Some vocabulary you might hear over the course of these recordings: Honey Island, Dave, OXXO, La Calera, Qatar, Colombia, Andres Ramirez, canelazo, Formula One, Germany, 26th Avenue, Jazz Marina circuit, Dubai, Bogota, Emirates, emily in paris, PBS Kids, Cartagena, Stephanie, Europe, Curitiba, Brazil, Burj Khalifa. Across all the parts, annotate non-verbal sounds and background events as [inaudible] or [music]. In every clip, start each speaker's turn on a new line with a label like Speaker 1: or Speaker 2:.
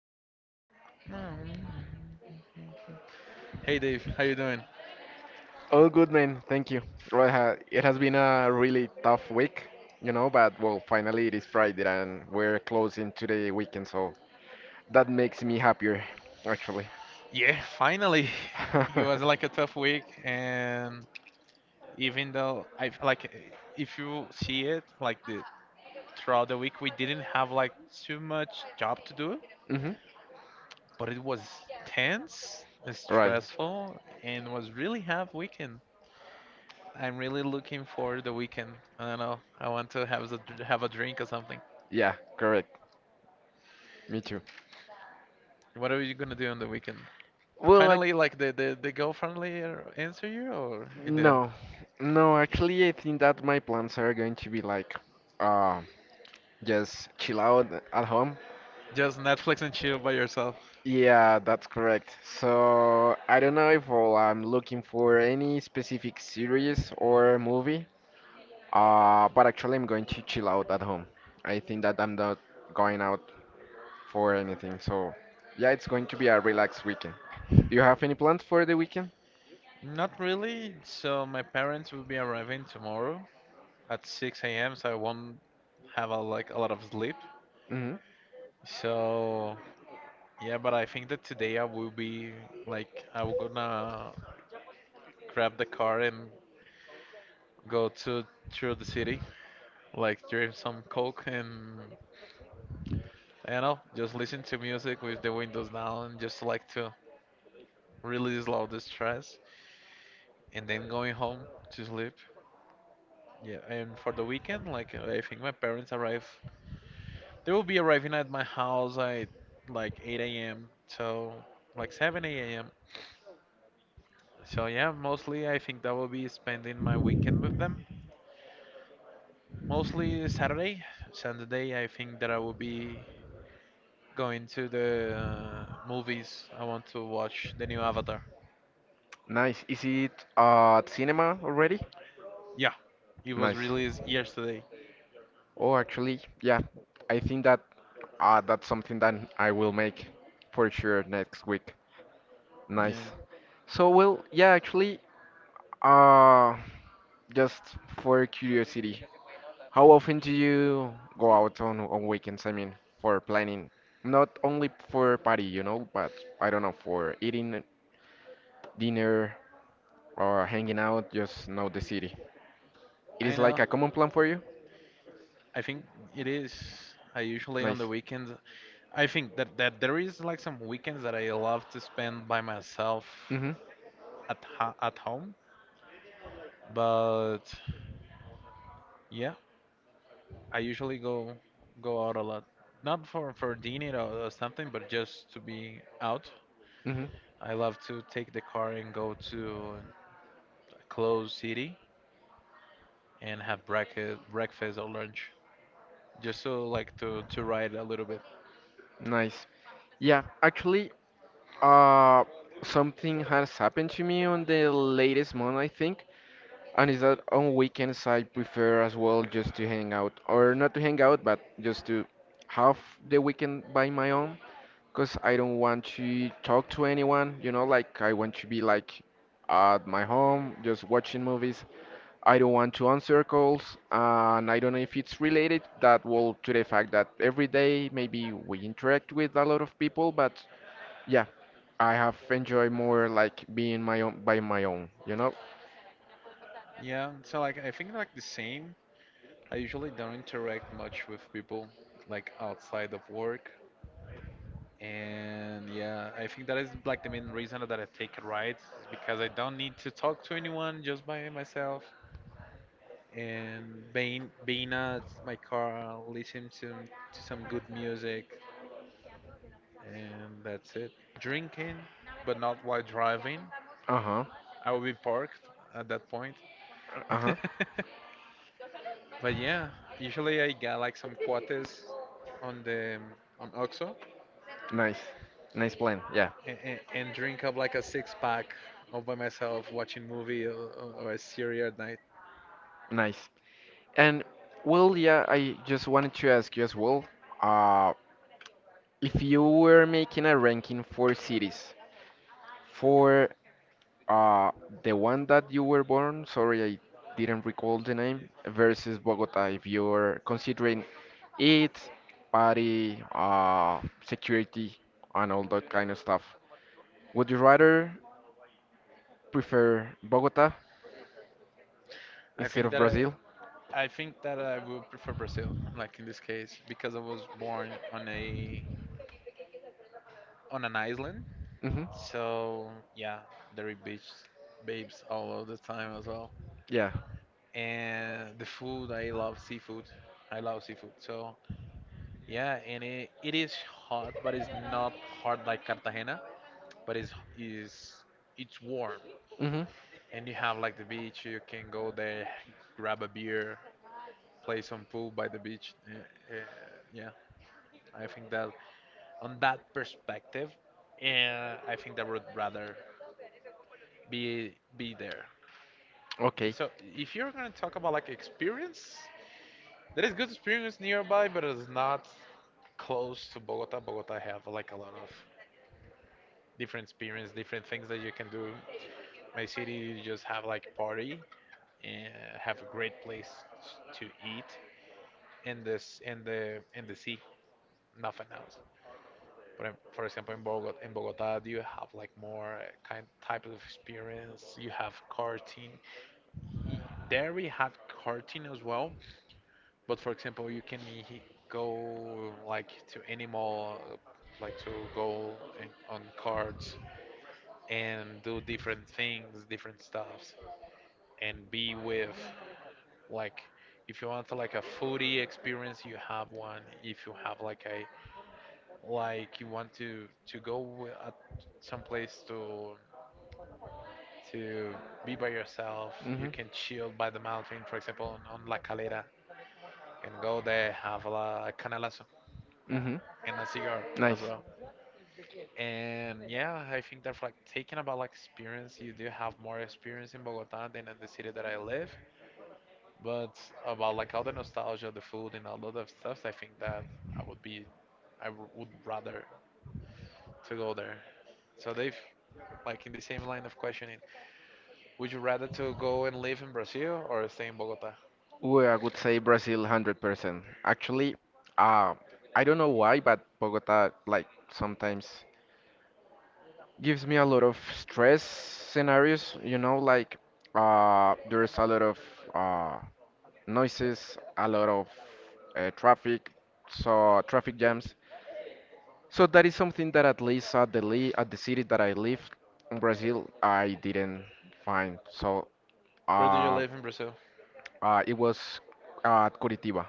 Speaker 1: ba ba ba. Hey Dave, how you doing?
Speaker 2: All good, man. Thank you. Well, it has been a really tough week, but well, finally it is Friday and we're closing to the weekend, so that makes me happier, actually.
Speaker 1: Yeah, finally. [laughs] It was
Speaker 2: [laughs]
Speaker 1: like a tough week, and even though I like, if you see it like the throughout the week, we didn't have like too much job to do,
Speaker 2: Hmm.
Speaker 1: but it was tense,
Speaker 2: Right.
Speaker 1: stressful, and was really half weekend. I'm really looking for the weekend. I don't know. I want to have a drink or something.
Speaker 2: Yeah, correct. Me too.
Speaker 1: What are you gonna do on the weekend?
Speaker 2: Well, like,
Speaker 1: Finally, like the girlfriendly answer you, or it didn't?
Speaker 2: no. No, actually, I think that my plans are going to be like, uh, just chill out at home.
Speaker 1: Just Netflix and chill by yourself.
Speaker 2: Yeah, that's correct. So I don't know if well, I'm looking for any specific series or movie, but actually I'm going to chill out at home. I think that I'm not going out for anything. So yeah, it's going to be a relaxed weekend. Do you have any plans for the weekend?
Speaker 1: Not really. So my parents will be arriving tomorrow at 6 a.m. So I won't have a, like a lot of sleep.
Speaker 2: Hmm.
Speaker 1: So yeah, but I think that today I will be like I'm gonna grab the car and go to through the city, like drink some coke and I don't know, just listen to music with the windows down, just like to really slow the stress, and then going home to sleep. Yeah, and for the weekend, like I think my parents arrive. They will be arriving at my house at like 8 a.m. So like 7 a.m. So yeah, mostly I think that will be spending my weekend with them. Mostly Saturday, Sunday. I think that I will be going to the movies. I want to watch the new Avatar.
Speaker 2: Nice. Is it at cinema already?
Speaker 1: Yeah, it was
Speaker 2: Nice.
Speaker 1: released yesterday.
Speaker 2: Oh, actually, yeah. I think that that's something that I will make for sure next week. Nice.
Speaker 1: Yeah,
Speaker 2: So, well, yeah, actually, uh, just for curiosity, how often do you go out on weekends? I mean, for planning, not only for party, but I don't know, for eating dinner or hanging out, just know the city. It
Speaker 1: I
Speaker 2: is like
Speaker 1: know.
Speaker 2: a common plan for you?
Speaker 1: I think it is. I usually on the
Speaker 2: Nice.
Speaker 1: weekends I think that there is like some weekends that I love to spend by myself
Speaker 2: Mm-hmm.
Speaker 1: at ho at home, but yeah, I usually go out a lot. Not for dinner or something, but just to be out.
Speaker 2: Mm-hmm.
Speaker 1: I love to take the car and go to a closed city and have breakfast or lunch just so like to ride a little bit.
Speaker 2: Nice. Yeah, actually, uh, something has happened to me on the latest month, I think. And is that on weekends I prefer as well just to hang out, or not to hang out, but just to have the weekend by my own, because I don't want to talk to anyone, like I want to be like at my home just watching movies. I don't want to answer calls, and I don't know if it's related that well to the fact that every day maybe we interact with a lot of people, but yeah, I have enjoyed more like being my own by my own, you know?
Speaker 1: Yeah, so like I think like the same. I usually don't interact much with people like outside of work. And yeah, I think that is like the main reason that I take rides is because I don't need to talk to anyone, just by myself and being at my car, listening to some good music, and that's it. Drinking, but not while driving.
Speaker 2: Uh-huh.
Speaker 1: I will be parked at that point.
Speaker 2: Uh-huh.
Speaker 1: [laughs]
Speaker 2: [laughs]
Speaker 1: But yeah, usually I get like some quotes on the on OXXO
Speaker 2: Nice. Nice plan. Yeah.
Speaker 1: and drink up like a six pack all by myself watching movie or a series at night.
Speaker 2: Nice. And well, yeah, I just wanted to ask you as well, uh, if you were making a ranking for cities, for uh, the one that you were born, sorry, I didn't recall the name, versus Bogota, if you're considering it, party, security, and all that kind of stuff, would you rather prefer Bogota
Speaker 1: I
Speaker 2: instead
Speaker 1: think
Speaker 2: of
Speaker 1: that I,
Speaker 2: Brazil?
Speaker 1: I think that I will prefer Brazil, like in this case, because I was born on a on an island.
Speaker 2: Mhm.
Speaker 1: So yeah, there are beach babes all of the time as well.
Speaker 2: Yeah.
Speaker 1: And the food, I love seafood. I love seafood. So yeah, and it is hot, but it's not hot like Cartagena, but it's warm.
Speaker 2: Mhm.
Speaker 1: And you have like the beach, you can go there, grab a beer, play some pool by the beach. Yeah, I think that on that perspective, uh, I think that would rather be there.
Speaker 2: Okay.
Speaker 1: So if you're gonna talk about like experience, there is good experience nearby, but it's not close to Bogota. Bogota have like a lot of different experience, different things that you can do. My city, you just have like party and have a great place to eat in this in the sea, nothing else. But in, for example, in Bogota, do you have like more kind type of experience? You have karting. Y- There we have karting as well. But for example, go like to any mall, like to go in, on carts and do different things, different stuffs, and be with like if you want like a foodie experience, you have one. If you have like a like you want to go at some place to be by yourself. You
Speaker 2: Mhm.
Speaker 1: can chill by the mountain, for example, on La Calera, and go there have a, canelazo
Speaker 2: Mhm.
Speaker 1: and a cigar
Speaker 2: Nice.
Speaker 1: as well. And yeah, I think that for like taking about like experience, you do have more experience in Bogota than in the city that I live. But about like all the nostalgia, the food, and all of the stuff, I think that I would be, would rather to go there. So they've like in the same line of questioning, would you rather to go and live in Brazil or stay in Bogota?
Speaker 2: Ooh, I would say Brazil 100%. Actually, uh, I don't know why, but Bogota like sometimes gives me a lot of stress scenarios, like there's a lot of uh, noises, a lot of traffic, so traffic jams. So that is something that at least at the city that I live in Brazil, I didn't find. So
Speaker 1: Where do you
Speaker 2: uh,
Speaker 1: live in Brazil?
Speaker 2: it was at Curitiba.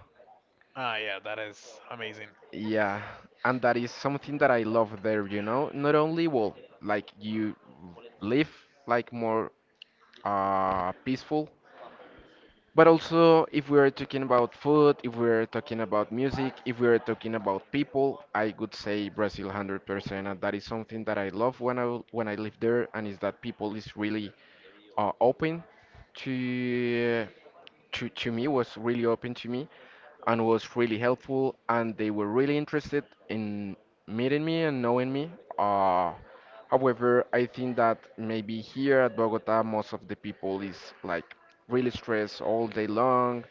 Speaker 1: Ah, yeah, that is amazing.
Speaker 2: Yeah, and that is something that I love there. Not only well, like you live like more peaceful. But also, if we are talking about food, if we are talking about music, if we are talking about people, I would say Brazil 100%. And that is something that I love when I live there, and is that people is really open to to me was really open to me and was really helpful and they were really interested in meeting me and knowing me. Uh, however, I think that maybe here at Bogota, most of the people is like really stressed all day long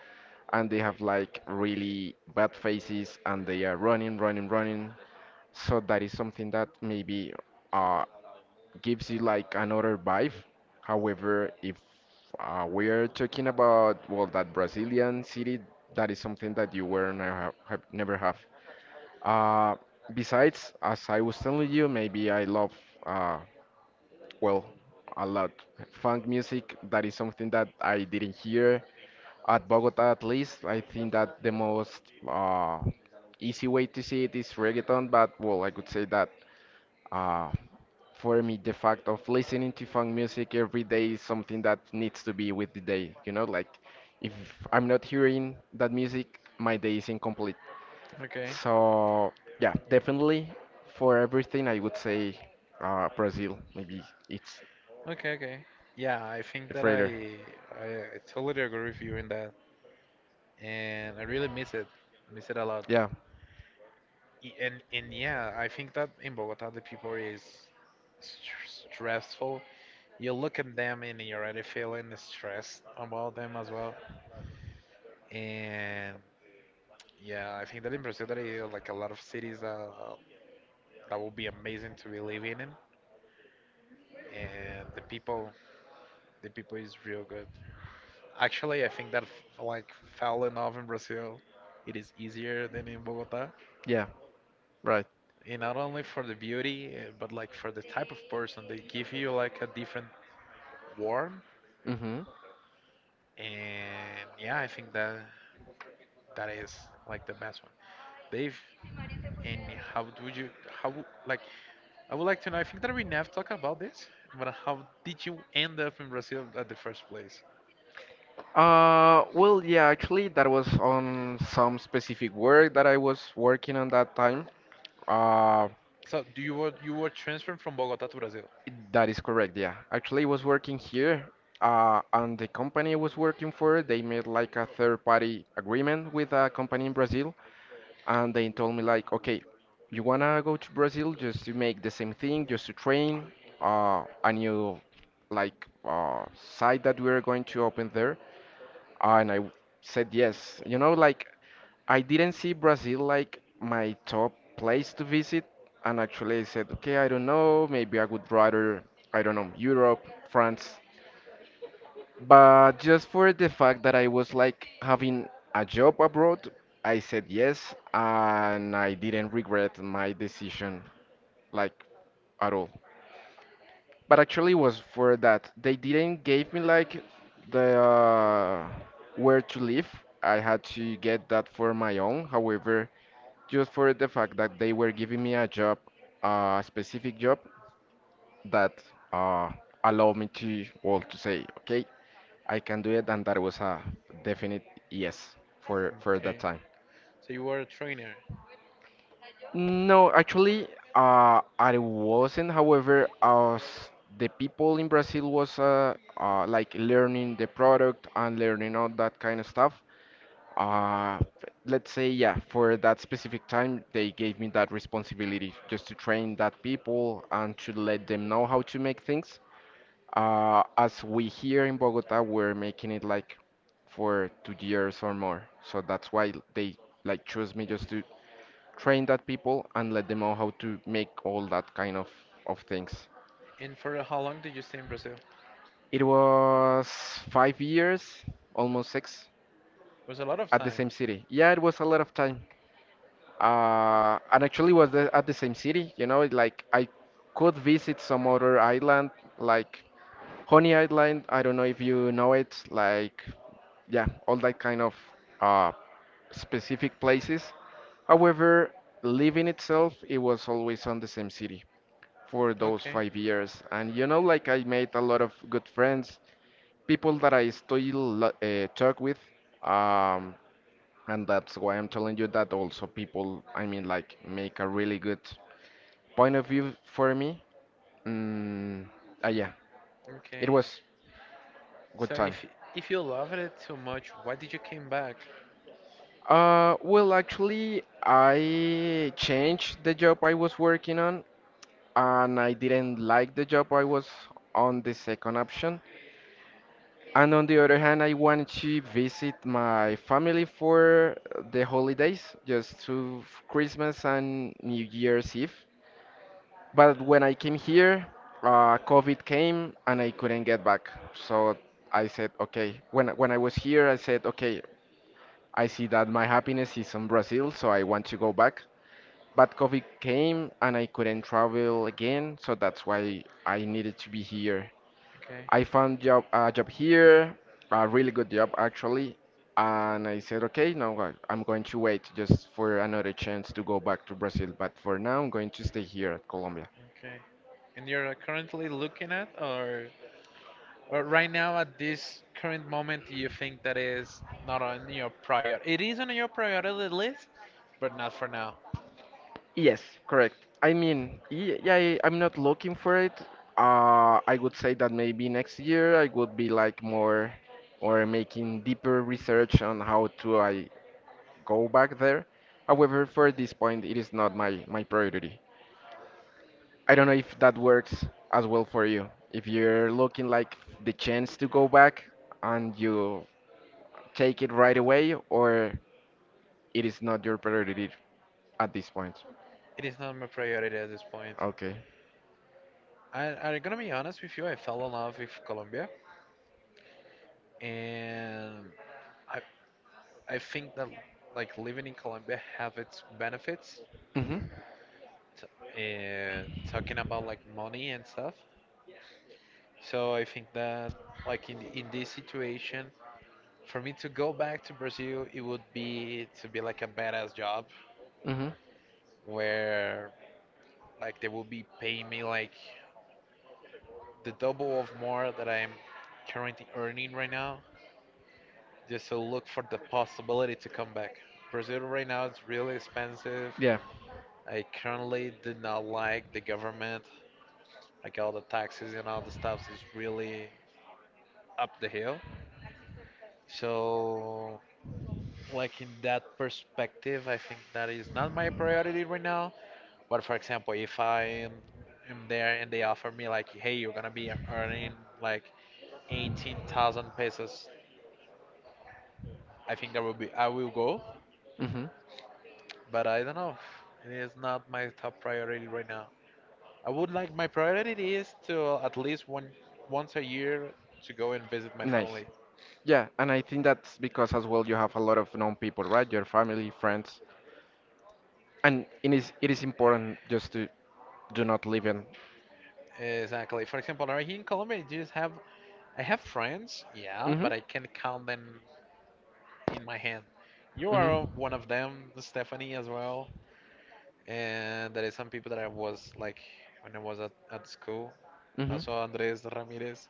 Speaker 2: and they have like really bad faces and they are running, running, running. So that is something that maybe uh, gives you like another vibe. However, if we're talking about well that Brazilian city, that is something that you were never have, have never have. Uh, besides, as I was telling you, maybe I love uh, well a lot funk music. That is something that I didn't hear at Bogota at least. I think that the most uh, easy way to see it is reggaeton, but well, I could say that. uh, for me the fact of listening to funk music every day is something that needs to be with the day like if I'm not hearing that music my day is incomplete.
Speaker 1: Okay.
Speaker 2: So yeah definitely for everything I would say Brazil maybe it's
Speaker 1: Okay, okay. Yeah, I think
Speaker 2: the
Speaker 1: that
Speaker 2: freighter.
Speaker 1: I totally agree with you in that, and I really miss it a lot.
Speaker 2: Yeah,
Speaker 1: And yeah, I think that in Bogota the people is stressful. You look at them and you're already feeling stressed about them as well. And yeah, I think that in Brazil there are like a lot of cities that that will be amazing to be living in, and the people is real good. Actually, I think that like fell in love in Brazil. It is easier than in Bogota,
Speaker 2: yeah, right.
Speaker 1: and not only for the beauty, but like for the type of person they give you like a different warmth.
Speaker 2: Mm-hmm.
Speaker 1: And yeah, I think that that is like the best one. Dave, and how do you how like I would like to know. I think that we never talked about this, but how did you end up in Brazil at the first place?
Speaker 2: Well yeah actually that was on some specific work that I was working on that time. Uh.
Speaker 1: So do you were transferred from Bogota to Brazil?
Speaker 2: That is correct, yeah. Actually, I was working here, and the company I was working for, they made like a third-party agreement with a company in Brazil, and they told me like, okay, you wanna go to Brazil just to make the same thing, just to train, a new like site that we are going to open there, and I said yes. Like I didn't see Brazil like my top place to visit, and actually I said, okay, I don't know, maybe I would rather, I don't know, Europe, France. But just for the fact that I was like having a job abroad, I said yes, and I didn't regret my decision like at all. But actually it was for that. They didn't give me like the where to live. I had to get that for my own. However, just for the fact that they were giving me a job, a specific job that uh, allowed me to, well, to say, okay, I can do it, and that was a definite yes for that
Speaker 1: Okay.
Speaker 2: time.
Speaker 1: So you were a trainer.
Speaker 2: No, actually, I wasn't. However, as the people in Brazil was like learning the product and learning all that kind of stuff, Uh, let's say, yeah, for that specific time, they gave me that responsibility just to train that people and to let them know how to make things. As we here in Bogota, we're making it like for 2 years or more. So that's why they like chose me just to train that people and let them know how to make all that kind of things.
Speaker 1: And for how long did you stay in Brazil? It
Speaker 2: It was 5 years, almost six,
Speaker 1: was a lot of
Speaker 2: at the
Speaker 1: time.
Speaker 2: same city. Yeah, it was a lot of time. And actually was at the same city. Like I could visit some other island, like Honey Island. I don't know if you know it. Like yeah, all that kind of uh, specific places. However, living itself, it was always on the same city for those
Speaker 1: Okay.
Speaker 2: 5 years, and like I made a lot of good friends, people that I still talk with. Um, and that's why I'm telling you that also people, I mean, like make a really good point of view for me. Mm, yeah, it
Speaker 1: Okay.
Speaker 2: was good
Speaker 1: So
Speaker 2: time.
Speaker 1: if you loved it so much, why did you came back?
Speaker 2: Well, actually, I changed the job I was working on, and I didn't like the job I was on the second option. And on the other hand, I wanted to visit my family for the holidays, just to Christmas and New Year's Eve. But when I came here, COVID came and I couldn't get back. So I said, okay. When I was here, I said, okay. I see that my happiness is in Brazil, so I want to go back. But COVID came and I couldn't travel again, so that's why I needed to be here.
Speaker 1: Okay.
Speaker 2: I found job a job here, a really good job actually, and I said, okay, now I'm going to wait just for another chance to go back to Brazil. But for now, I'm going to stay here at Colombia.
Speaker 1: Okay. And you're currently looking at or right now at this current moment you think that is not on your prior it is on your priority list, but not for now.
Speaker 2: Yes, correct. I mean, yeah, I'm not looking for it. I would say that maybe next year I would be like more or making deeper research on how to I go back there. However, for this point, it is not my priority. I don't know if that works as well for you. If you're looking like the chance to go back and you take it right away, or it is not your priority at this point.
Speaker 1: It is not my priority at this point.
Speaker 2: Okay.
Speaker 1: I'm gonna be honest with you. I fell in love with Colombia, and I I think that like living in Colombia have its benefits.
Speaker 2: Mm-hmm.
Speaker 1: T- and talking about like money and stuff. So I think that like in this situation, for me to go back to Brazil, it would be to be like a badass job
Speaker 2: Mm-hmm.
Speaker 1: where like they will be paying me like the double of more that I'm currently earning right now, just to look for the possibility to come back. Brazil right now is really expensive.
Speaker 2: Expensive. Yeah.
Speaker 1: I currently do not like the government, like all the taxes and all the stuff is really up the hill. So, like in that perspective, I think that is not my priority right now. But for example, if I am there and they offer me like, hey, you're gonna be earning like 18,000 pesos, I think that will be I will go.
Speaker 2: Hmm.
Speaker 1: But I don't know. It is not my top priority right now. I would like my priority is to at least one once a year to go and visit my
Speaker 2: Nice.
Speaker 1: family.
Speaker 2: Yeah, and I think that's because as well you have a lot of known people, right? Your family, friends, and, yeah, it is important just to do not live in.
Speaker 1: Exactly. For example, right here in Colombia, you just have I have friends, yeah,
Speaker 2: Hmm.
Speaker 1: but I can count them in my hand. You
Speaker 2: Hmm.
Speaker 1: are one of them, Stephanie, as well, and there is some people that I was like when I was at school.
Speaker 2: Hmm.
Speaker 1: Also, Andres Ramirez.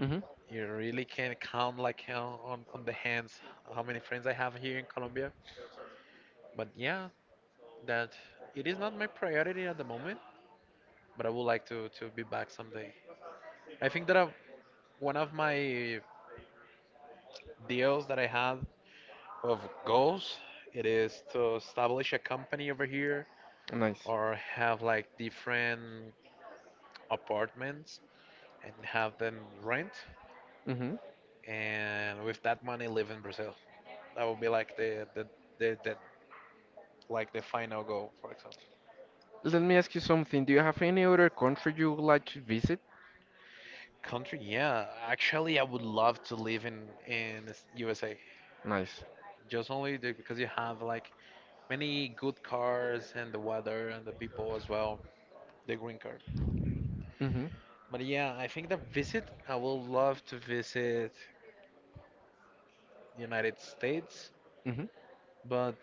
Speaker 2: Hmm.
Speaker 1: You really can count like on on the hands how many friends I have here in Colombia. But yeah, that it is not my priority at the moment, but I would like to be back someday. I think that I, one of my deals that I have of goals it is to establish a company over here
Speaker 2: Nice.
Speaker 1: or have like different apartments and have them rent
Speaker 2: Hmm.
Speaker 1: and with that money live in Brazil. That would be like the like the final goal, for example.
Speaker 2: Let me ask you something. Do you have any other country you would like to visit?
Speaker 1: Country, yeah. Actually, I would love to live in the USA.
Speaker 2: Nice.
Speaker 1: Just only the, because you have like many good cars and the weather and the people as well. The green card.
Speaker 2: Mm-hmm.
Speaker 1: But yeah, I think the visit, I will love to visit the United States,
Speaker 2: Mm-hmm.
Speaker 1: but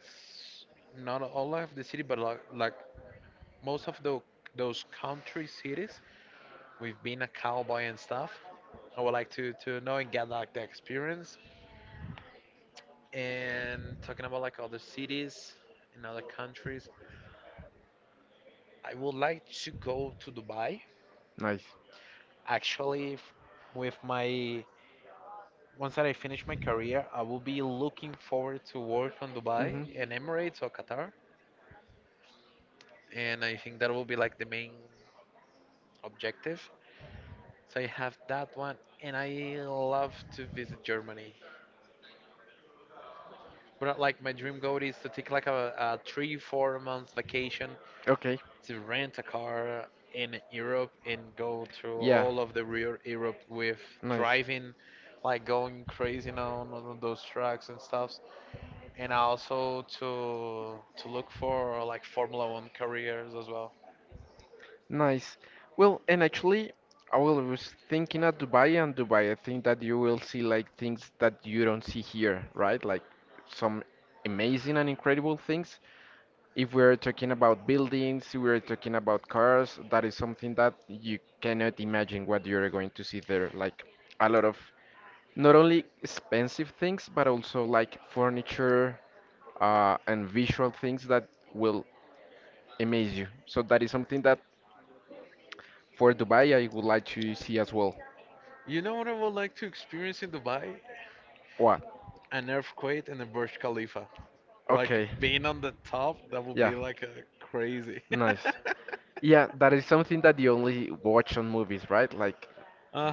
Speaker 1: not all of the city, but like most of the, those country cities, we've been a cowboy and stuff. I would like to know and get like the experience. And talking about like other cities in other countries, I would like to go to Dubai.
Speaker 2: Nice.
Speaker 1: Actually, with my once that I finish my career, I will be looking forward to work on
Speaker 2: Mm-hmm.
Speaker 1: Dubai and Emirates or Qatar, and I think that will be like the main objective. So I have that one, and I love to visit Germany. But like my dream goal is to take like a three, 4 months vacation
Speaker 2: Okay.
Speaker 1: to rent a car in Europe and go through
Speaker 2: Yeah.
Speaker 1: all of the real Europe with
Speaker 2: Nice.
Speaker 1: driving, like going crazy now on those tracks and stuff. And also to look for like Formula One careers as well.
Speaker 2: Nice. Well, and actually, I was thinking of Dubai and Dubai. I think that you will see like things that you don't see here, right? Like some amazing and incredible things. If we're talking about buildings, we're talking about cars, that is something that you cannot imagine what you're going to see there. Like a lot of not only expensive things, but also like furniture and visual things that will amaze you. So that is something that for Dubai I would like to see as well.
Speaker 1: You know what I would like to experience in Dubai?
Speaker 2: What?
Speaker 1: An earthquake and the Burj Khalifa. Like
Speaker 2: Okay.
Speaker 1: being on the top, that would
Speaker 2: Yeah.
Speaker 1: be like a crazy. [laughs]
Speaker 2: Nice. Yeah, that is something that you only watch on movies, right? Like,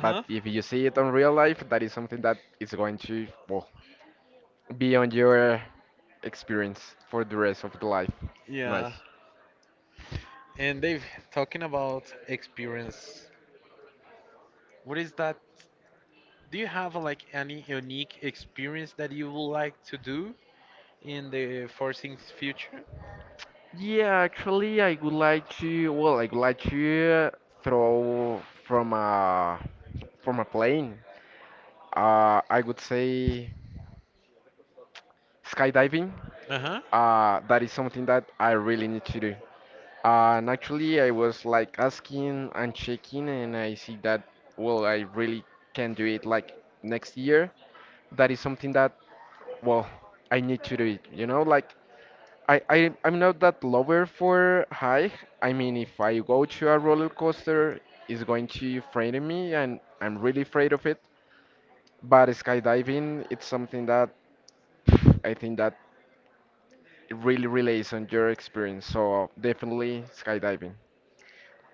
Speaker 2: but if you see it on real life, that is something that is going to, well, be on your experience for the rest of the life.
Speaker 1: Yeah.
Speaker 2: Nice.
Speaker 1: And Dave, talking about experience, what is that? Do you have like any unique experience that you would like to do in the foreseeing future?
Speaker 2: Yeah, actually, I would like to, well, I would like to throw from a plane. I would say skydiving.
Speaker 1: Uh-huh.
Speaker 2: That is something that I really need to do. And actually, I was like asking and checking, and I see that, well, I really can do it like next year. That is something that, well, I need to do it. Like, I'm not that lover for high. I mean, if I go to a roller coaster, it's going to frighten me, and I'm really afraid of it. But skydiving, it's something that pff, I think that it really relates on your experience. So, definitely skydiving.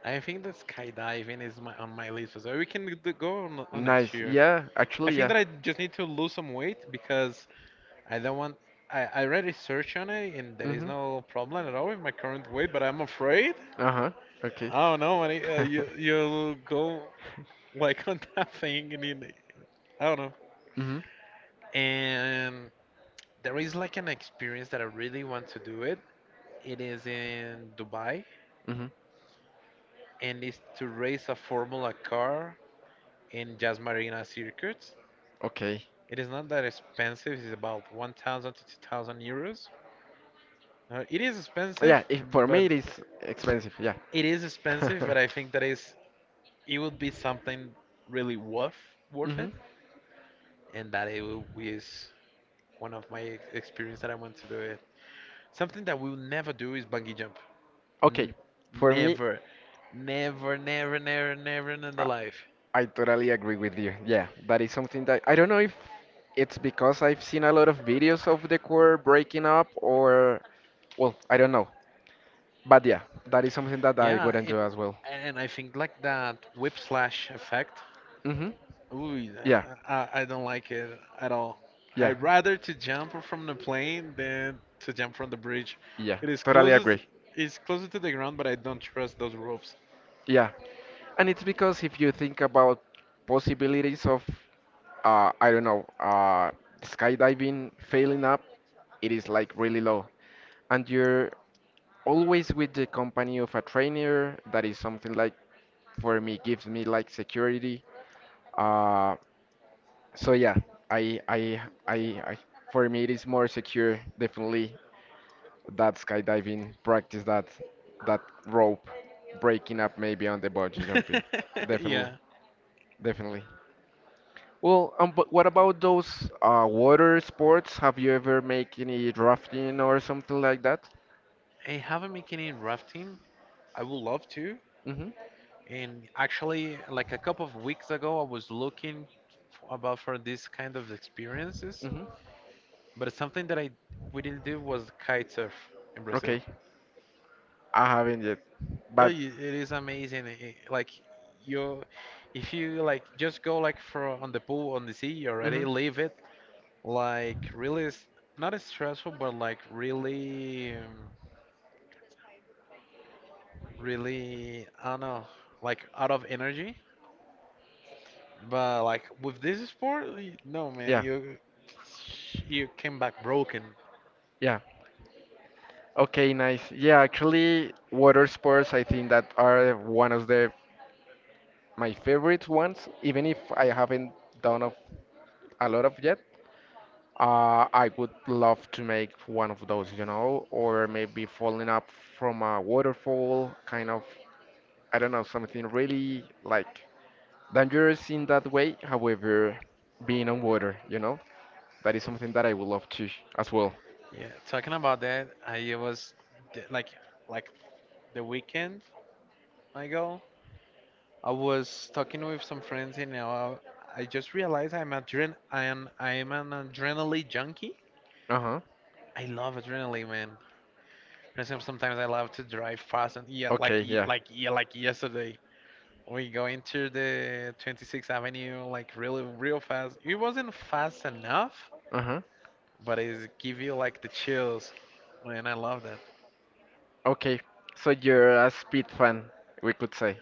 Speaker 1: I think that skydiving is my, on my list as well. We can go on next
Speaker 2: Nice.
Speaker 1: year.
Speaker 2: Yeah,
Speaker 1: I
Speaker 2: actually,
Speaker 1: think
Speaker 2: yeah.
Speaker 1: that I just need to lose some weight because I don't want. I already searched on it and there is
Speaker 2: Mhm.
Speaker 1: no problem at all with my current weight, but I'm afraid.
Speaker 2: Uh huh. Okay.
Speaker 1: I don't know. When it,
Speaker 2: [laughs]
Speaker 1: you go like [laughs] on that thing and you, I don't know.
Speaker 2: Mhm.
Speaker 1: And there is like an experience that I really want to do it. It is in Dubai
Speaker 2: Mhm.
Speaker 1: and it's to race a Formula car in Jazz Marina circuit.
Speaker 2: Okay.
Speaker 1: It is not that expensive. It's about 1,000 to €2,000. It is expensive,
Speaker 2: Yeah. If, for
Speaker 1: but
Speaker 2: me, it is expensive. Yeah.
Speaker 1: it is
Speaker 2: [laughs]
Speaker 1: expensive. But I think
Speaker 2: [laughs]
Speaker 1: that is it would be something really worth
Speaker 2: worth
Speaker 1: worth
Speaker 2: mhm.
Speaker 1: it,
Speaker 2: it.
Speaker 1: and that it will, is one of my experience that I want to do it. Something that we will never do is bungee jump.
Speaker 2: Okay.
Speaker 1: N-
Speaker 2: For me,
Speaker 1: Never, never, never, never, never in the
Speaker 2: I,
Speaker 1: life.
Speaker 2: I totally agree with you. Yeah. That is something that I don't know if it's because I've seen a lot of videos of the core breaking up or well, I don't know, but yeah, that is something that I
Speaker 1: Yeah,
Speaker 2: would
Speaker 1: and
Speaker 2: enjoy as well.
Speaker 1: I think like that whiplash effect.
Speaker 2: Mm-hmm.
Speaker 1: Ooh,
Speaker 2: Yeah,
Speaker 1: I don't like it at all.
Speaker 2: yeah,
Speaker 1: I'd rather to jump from the plane than to jump from the bridge.
Speaker 2: yeah.
Speaker 1: It is
Speaker 2: Totally
Speaker 1: closest,
Speaker 2: agree.
Speaker 1: it's closer to the ground, but I don't trust those ropes.
Speaker 2: Yeah, and it's because if you think about possibilities of, I don't know, skydiving failing up, it is like really low, and you're always with the company of a trainer. That is something like for me gives me like security. Uh, So yeah, I I I, I for me it is more secure definitely that skydiving practice that rope breaking up maybe on the bungee jumping.
Speaker 1: [laughs]
Speaker 2: Definitely,
Speaker 1: Yeah.
Speaker 2: definitely. Well, but what about those water sports? Have you ever make any rafting or something like that?
Speaker 1: I haven't been any rafting. I would love to.
Speaker 2: Mm-hmm.
Speaker 1: And actually, like a couple of weeks ago, I was looking f- about for this kind of experiences.
Speaker 2: Mm-hmm.
Speaker 1: But something that I we didn't do was kitesurf in Brazil.
Speaker 2: Okay, I haven't yet, but
Speaker 1: It is amazing. Like you, if you like just go like for on the pool on the sea, you
Speaker 2: mm-hmm.
Speaker 1: already leave it like really not as stressful, but like really, really I don't know, like out of energy. But like with this sport, no man,
Speaker 2: Yeah,
Speaker 1: you came back broken.
Speaker 2: yeah. Okay, nice. Yeah, actually, water sports I think that are one of the my favorite ones. Even if I haven't done of, a lot of yet, I would love to make one of those, or maybe falling up from a waterfall, kind of, I don't know, something really like dangerous in that way. However, being on water, that is something that I would love to as well.
Speaker 1: Yeah, talking about that, I was like like the weekend I go. I was talking with some friends and now I just realized I am an adrenaline junkie.
Speaker 2: Uh-huh.
Speaker 1: I love adrenaline, man. For example, sometimes I love to drive fast and yeah,
Speaker 2: Okay, yeah.
Speaker 1: like yesterday. We go into the 26th Avenue like really real fast. It wasn't fast enough,
Speaker 2: Uh-huh.
Speaker 1: but it give you like the chills, and I love that.
Speaker 2: Okay, so you're a speed fan, we could say.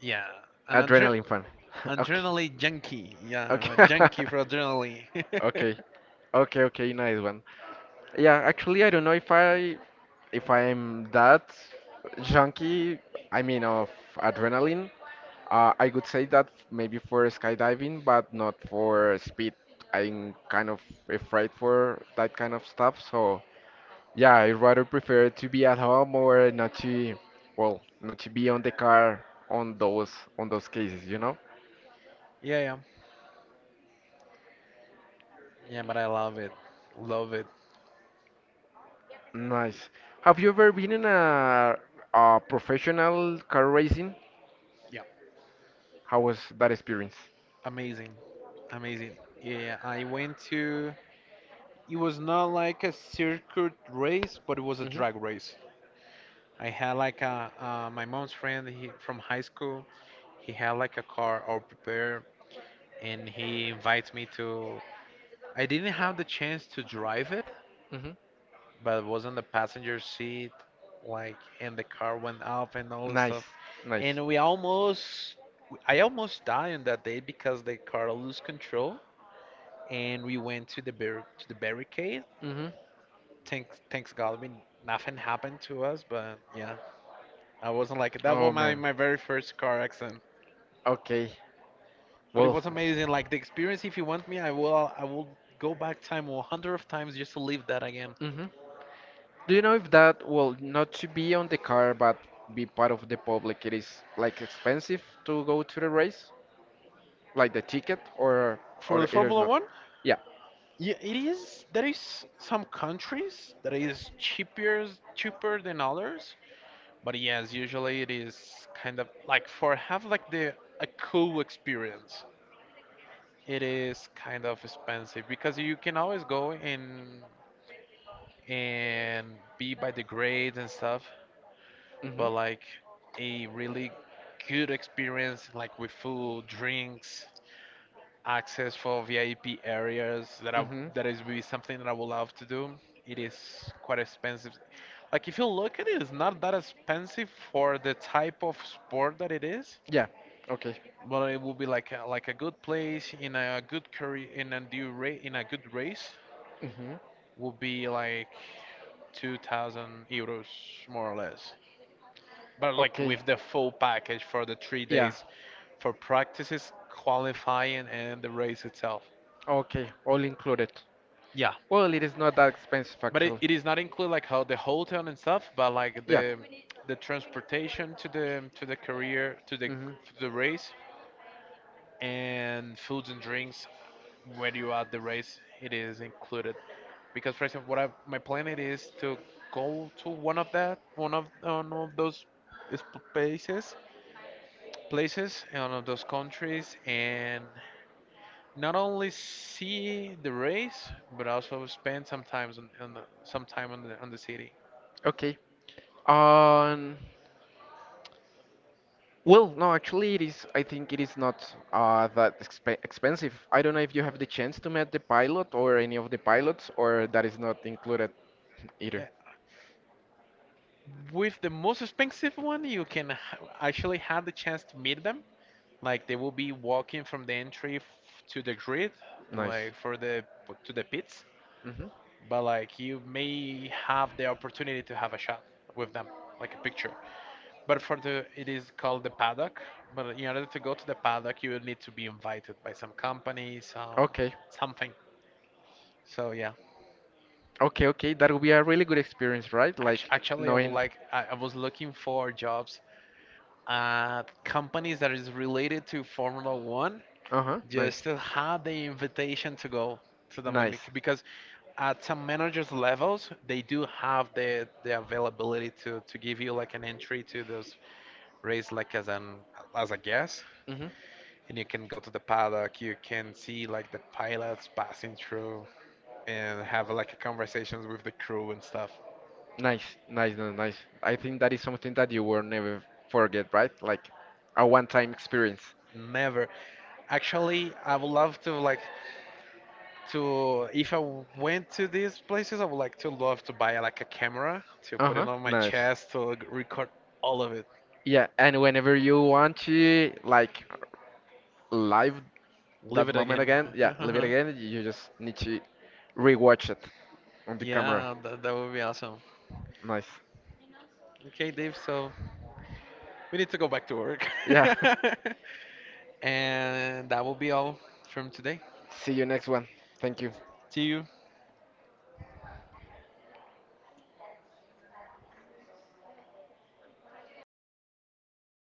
Speaker 1: Yeah, an adre
Speaker 2: Adrenaline fan. [laughs] Okay.
Speaker 1: adrenaline junkie. Yeah, I'm
Speaker 2: Okay.
Speaker 1: a
Speaker 2: [laughs]
Speaker 1: junkie for adrenaline. [laughs]
Speaker 2: Okay. Okay, okay, nice one. Yeah, actually I don't know if I if I'm that junkie, I mean of adrenaline. I could say that maybe for skydiving, but not for speed. I'm kind of afraid for that kind of stuff, so yeah, I rather prefer to be at home or not to, well, not to be on the car on those cases, you know?
Speaker 1: Yeah, yeah. Yeah, but I love it. Love it.
Speaker 2: Nice. Have you ever been in a professional car racing?
Speaker 1: Yeah.
Speaker 2: How was that experience?
Speaker 1: Amazing. Amazing. Yeah, I went to. It was not like a circuit race, but it was a
Speaker 2: Mhm.
Speaker 1: drag race. I had like a my mom's friend he, from high school. He had like a car all prepared, and he invites me to. I didn't have the chance to drive it,
Speaker 2: Mhm.
Speaker 1: but I was on the passenger seat, like, and the car went up and all this
Speaker 2: Nice.
Speaker 1: stuff.
Speaker 2: Nice.
Speaker 1: And we almost I almost died on that day because the car lost control and we went to the barricade.
Speaker 2: Mhm.
Speaker 1: Thanks God we nothing happened to us, but yeah. I wasn't like that was
Speaker 2: Oh
Speaker 1: my,
Speaker 2: man.
Speaker 1: my very first car accident.
Speaker 2: Okay.
Speaker 1: But it
Speaker 2: Well.
Speaker 1: was amazing. Like the experience if you want me I will go back time a 100 of times just to live that again.
Speaker 2: Mhm. Do you know if that, well, not to be on the car but be part of the public, it is like expensive to go to the race, like the ticket,
Speaker 1: For
Speaker 2: or
Speaker 1: the
Speaker 2: it is
Speaker 1: Formula
Speaker 2: not?
Speaker 1: One,
Speaker 2: Yeah.
Speaker 1: yeah, it is there is some countries that is cheaper than others. But yes, usually it is kind of like for have like the a cool experience. It is kind of expensive because you can always go in and be by the grades and stuff,
Speaker 2: Hmm.
Speaker 1: but like a really good experience like with food, drinks, access for VIP areas
Speaker 2: Hmm.
Speaker 1: that is really something that I would love to do. It is quite expensive. Like if you look at it, it's not that expensive for the type of sport that it is.
Speaker 2: Yeah. Okay.
Speaker 1: But it would be like a good place in a good career in a due rate in a good race
Speaker 2: Hmm.
Speaker 1: would be like €2,000 more or less. But like
Speaker 2: Okay.
Speaker 1: with the full package for the three
Speaker 2: Yeah.
Speaker 1: days for practices, qualifying, and the race itself.
Speaker 2: Okay, all included.
Speaker 1: Yeah,
Speaker 2: Well, it is not that expensive
Speaker 1: but it
Speaker 2: actually.
Speaker 1: is not include like how the hotel and stuff, but like
Speaker 2: Yeah.
Speaker 1: the transportation to the career
Speaker 2: Hmm.
Speaker 1: to the race and foods and drinks when you are at the race, it is included. Because, for example, my plan it is to go to one of those sp- places, places, and one of those countries, and not only see the race, but also spend some time some time on the city.
Speaker 2: Okay. Um, well, no, actually, it is. I think it is not that exp expensive. I don't know if you have the chance to meet the pilot or any of the pilots, or that is not included
Speaker 1: Uh,
Speaker 2: either.
Speaker 1: With the most expensive one, you can actually have the chance to meet them. Like they will be walking from the entry to the grid,
Speaker 2: Nice.
Speaker 1: like for the to the pits,
Speaker 2: Hmm.
Speaker 1: but like you may have the opportunity to have a shot with them, like a picture. But for the it is called the paddock. But in order to go to the paddock, you will need to be invited by some company, some
Speaker 2: Okay.
Speaker 1: something. So yeah,
Speaker 2: Okay, okay. That would be a really good experience, right? Like
Speaker 1: Actually, I would
Speaker 2: knowing.
Speaker 1: like I was looking for jobs at companies that is related to Formula One
Speaker 2: Uh-huh. Nice.
Speaker 1: just to have the invitation to go to them
Speaker 2: Nice.
Speaker 1: because at some managers levels they do have the availability to give you like an entry to those race like as a guest,
Speaker 2: Hmm.
Speaker 1: and you can go to the paddock, you can see like the pilots passing through and have like conversations with the crew and stuff.
Speaker 2: Nice, nice, no, nice. I think that is something that you will never forget, right? Like a one-time experience.
Speaker 1: Never actually I would love to like to if I went to these places I would like to love to buy like a camera to put it
Speaker 2: Uh-huh,
Speaker 1: on my
Speaker 2: nice.
Speaker 1: chest to record all of it,
Speaker 2: Yeah, and whenever you want to like live
Speaker 1: live
Speaker 2: that
Speaker 1: it
Speaker 2: moment
Speaker 1: again.
Speaker 2: again, yeah, live it
Speaker 1: [laughs]
Speaker 2: again, you just need to rewatch it on the camera.
Speaker 1: Yeah, that would be awesome.
Speaker 2: Nice.
Speaker 1: Okay, Dave, so we need to go back to work.
Speaker 2: Yeah. [laughs]
Speaker 1: [laughs] And that will be all from today.
Speaker 2: See you next one. Thank you.
Speaker 1: See you.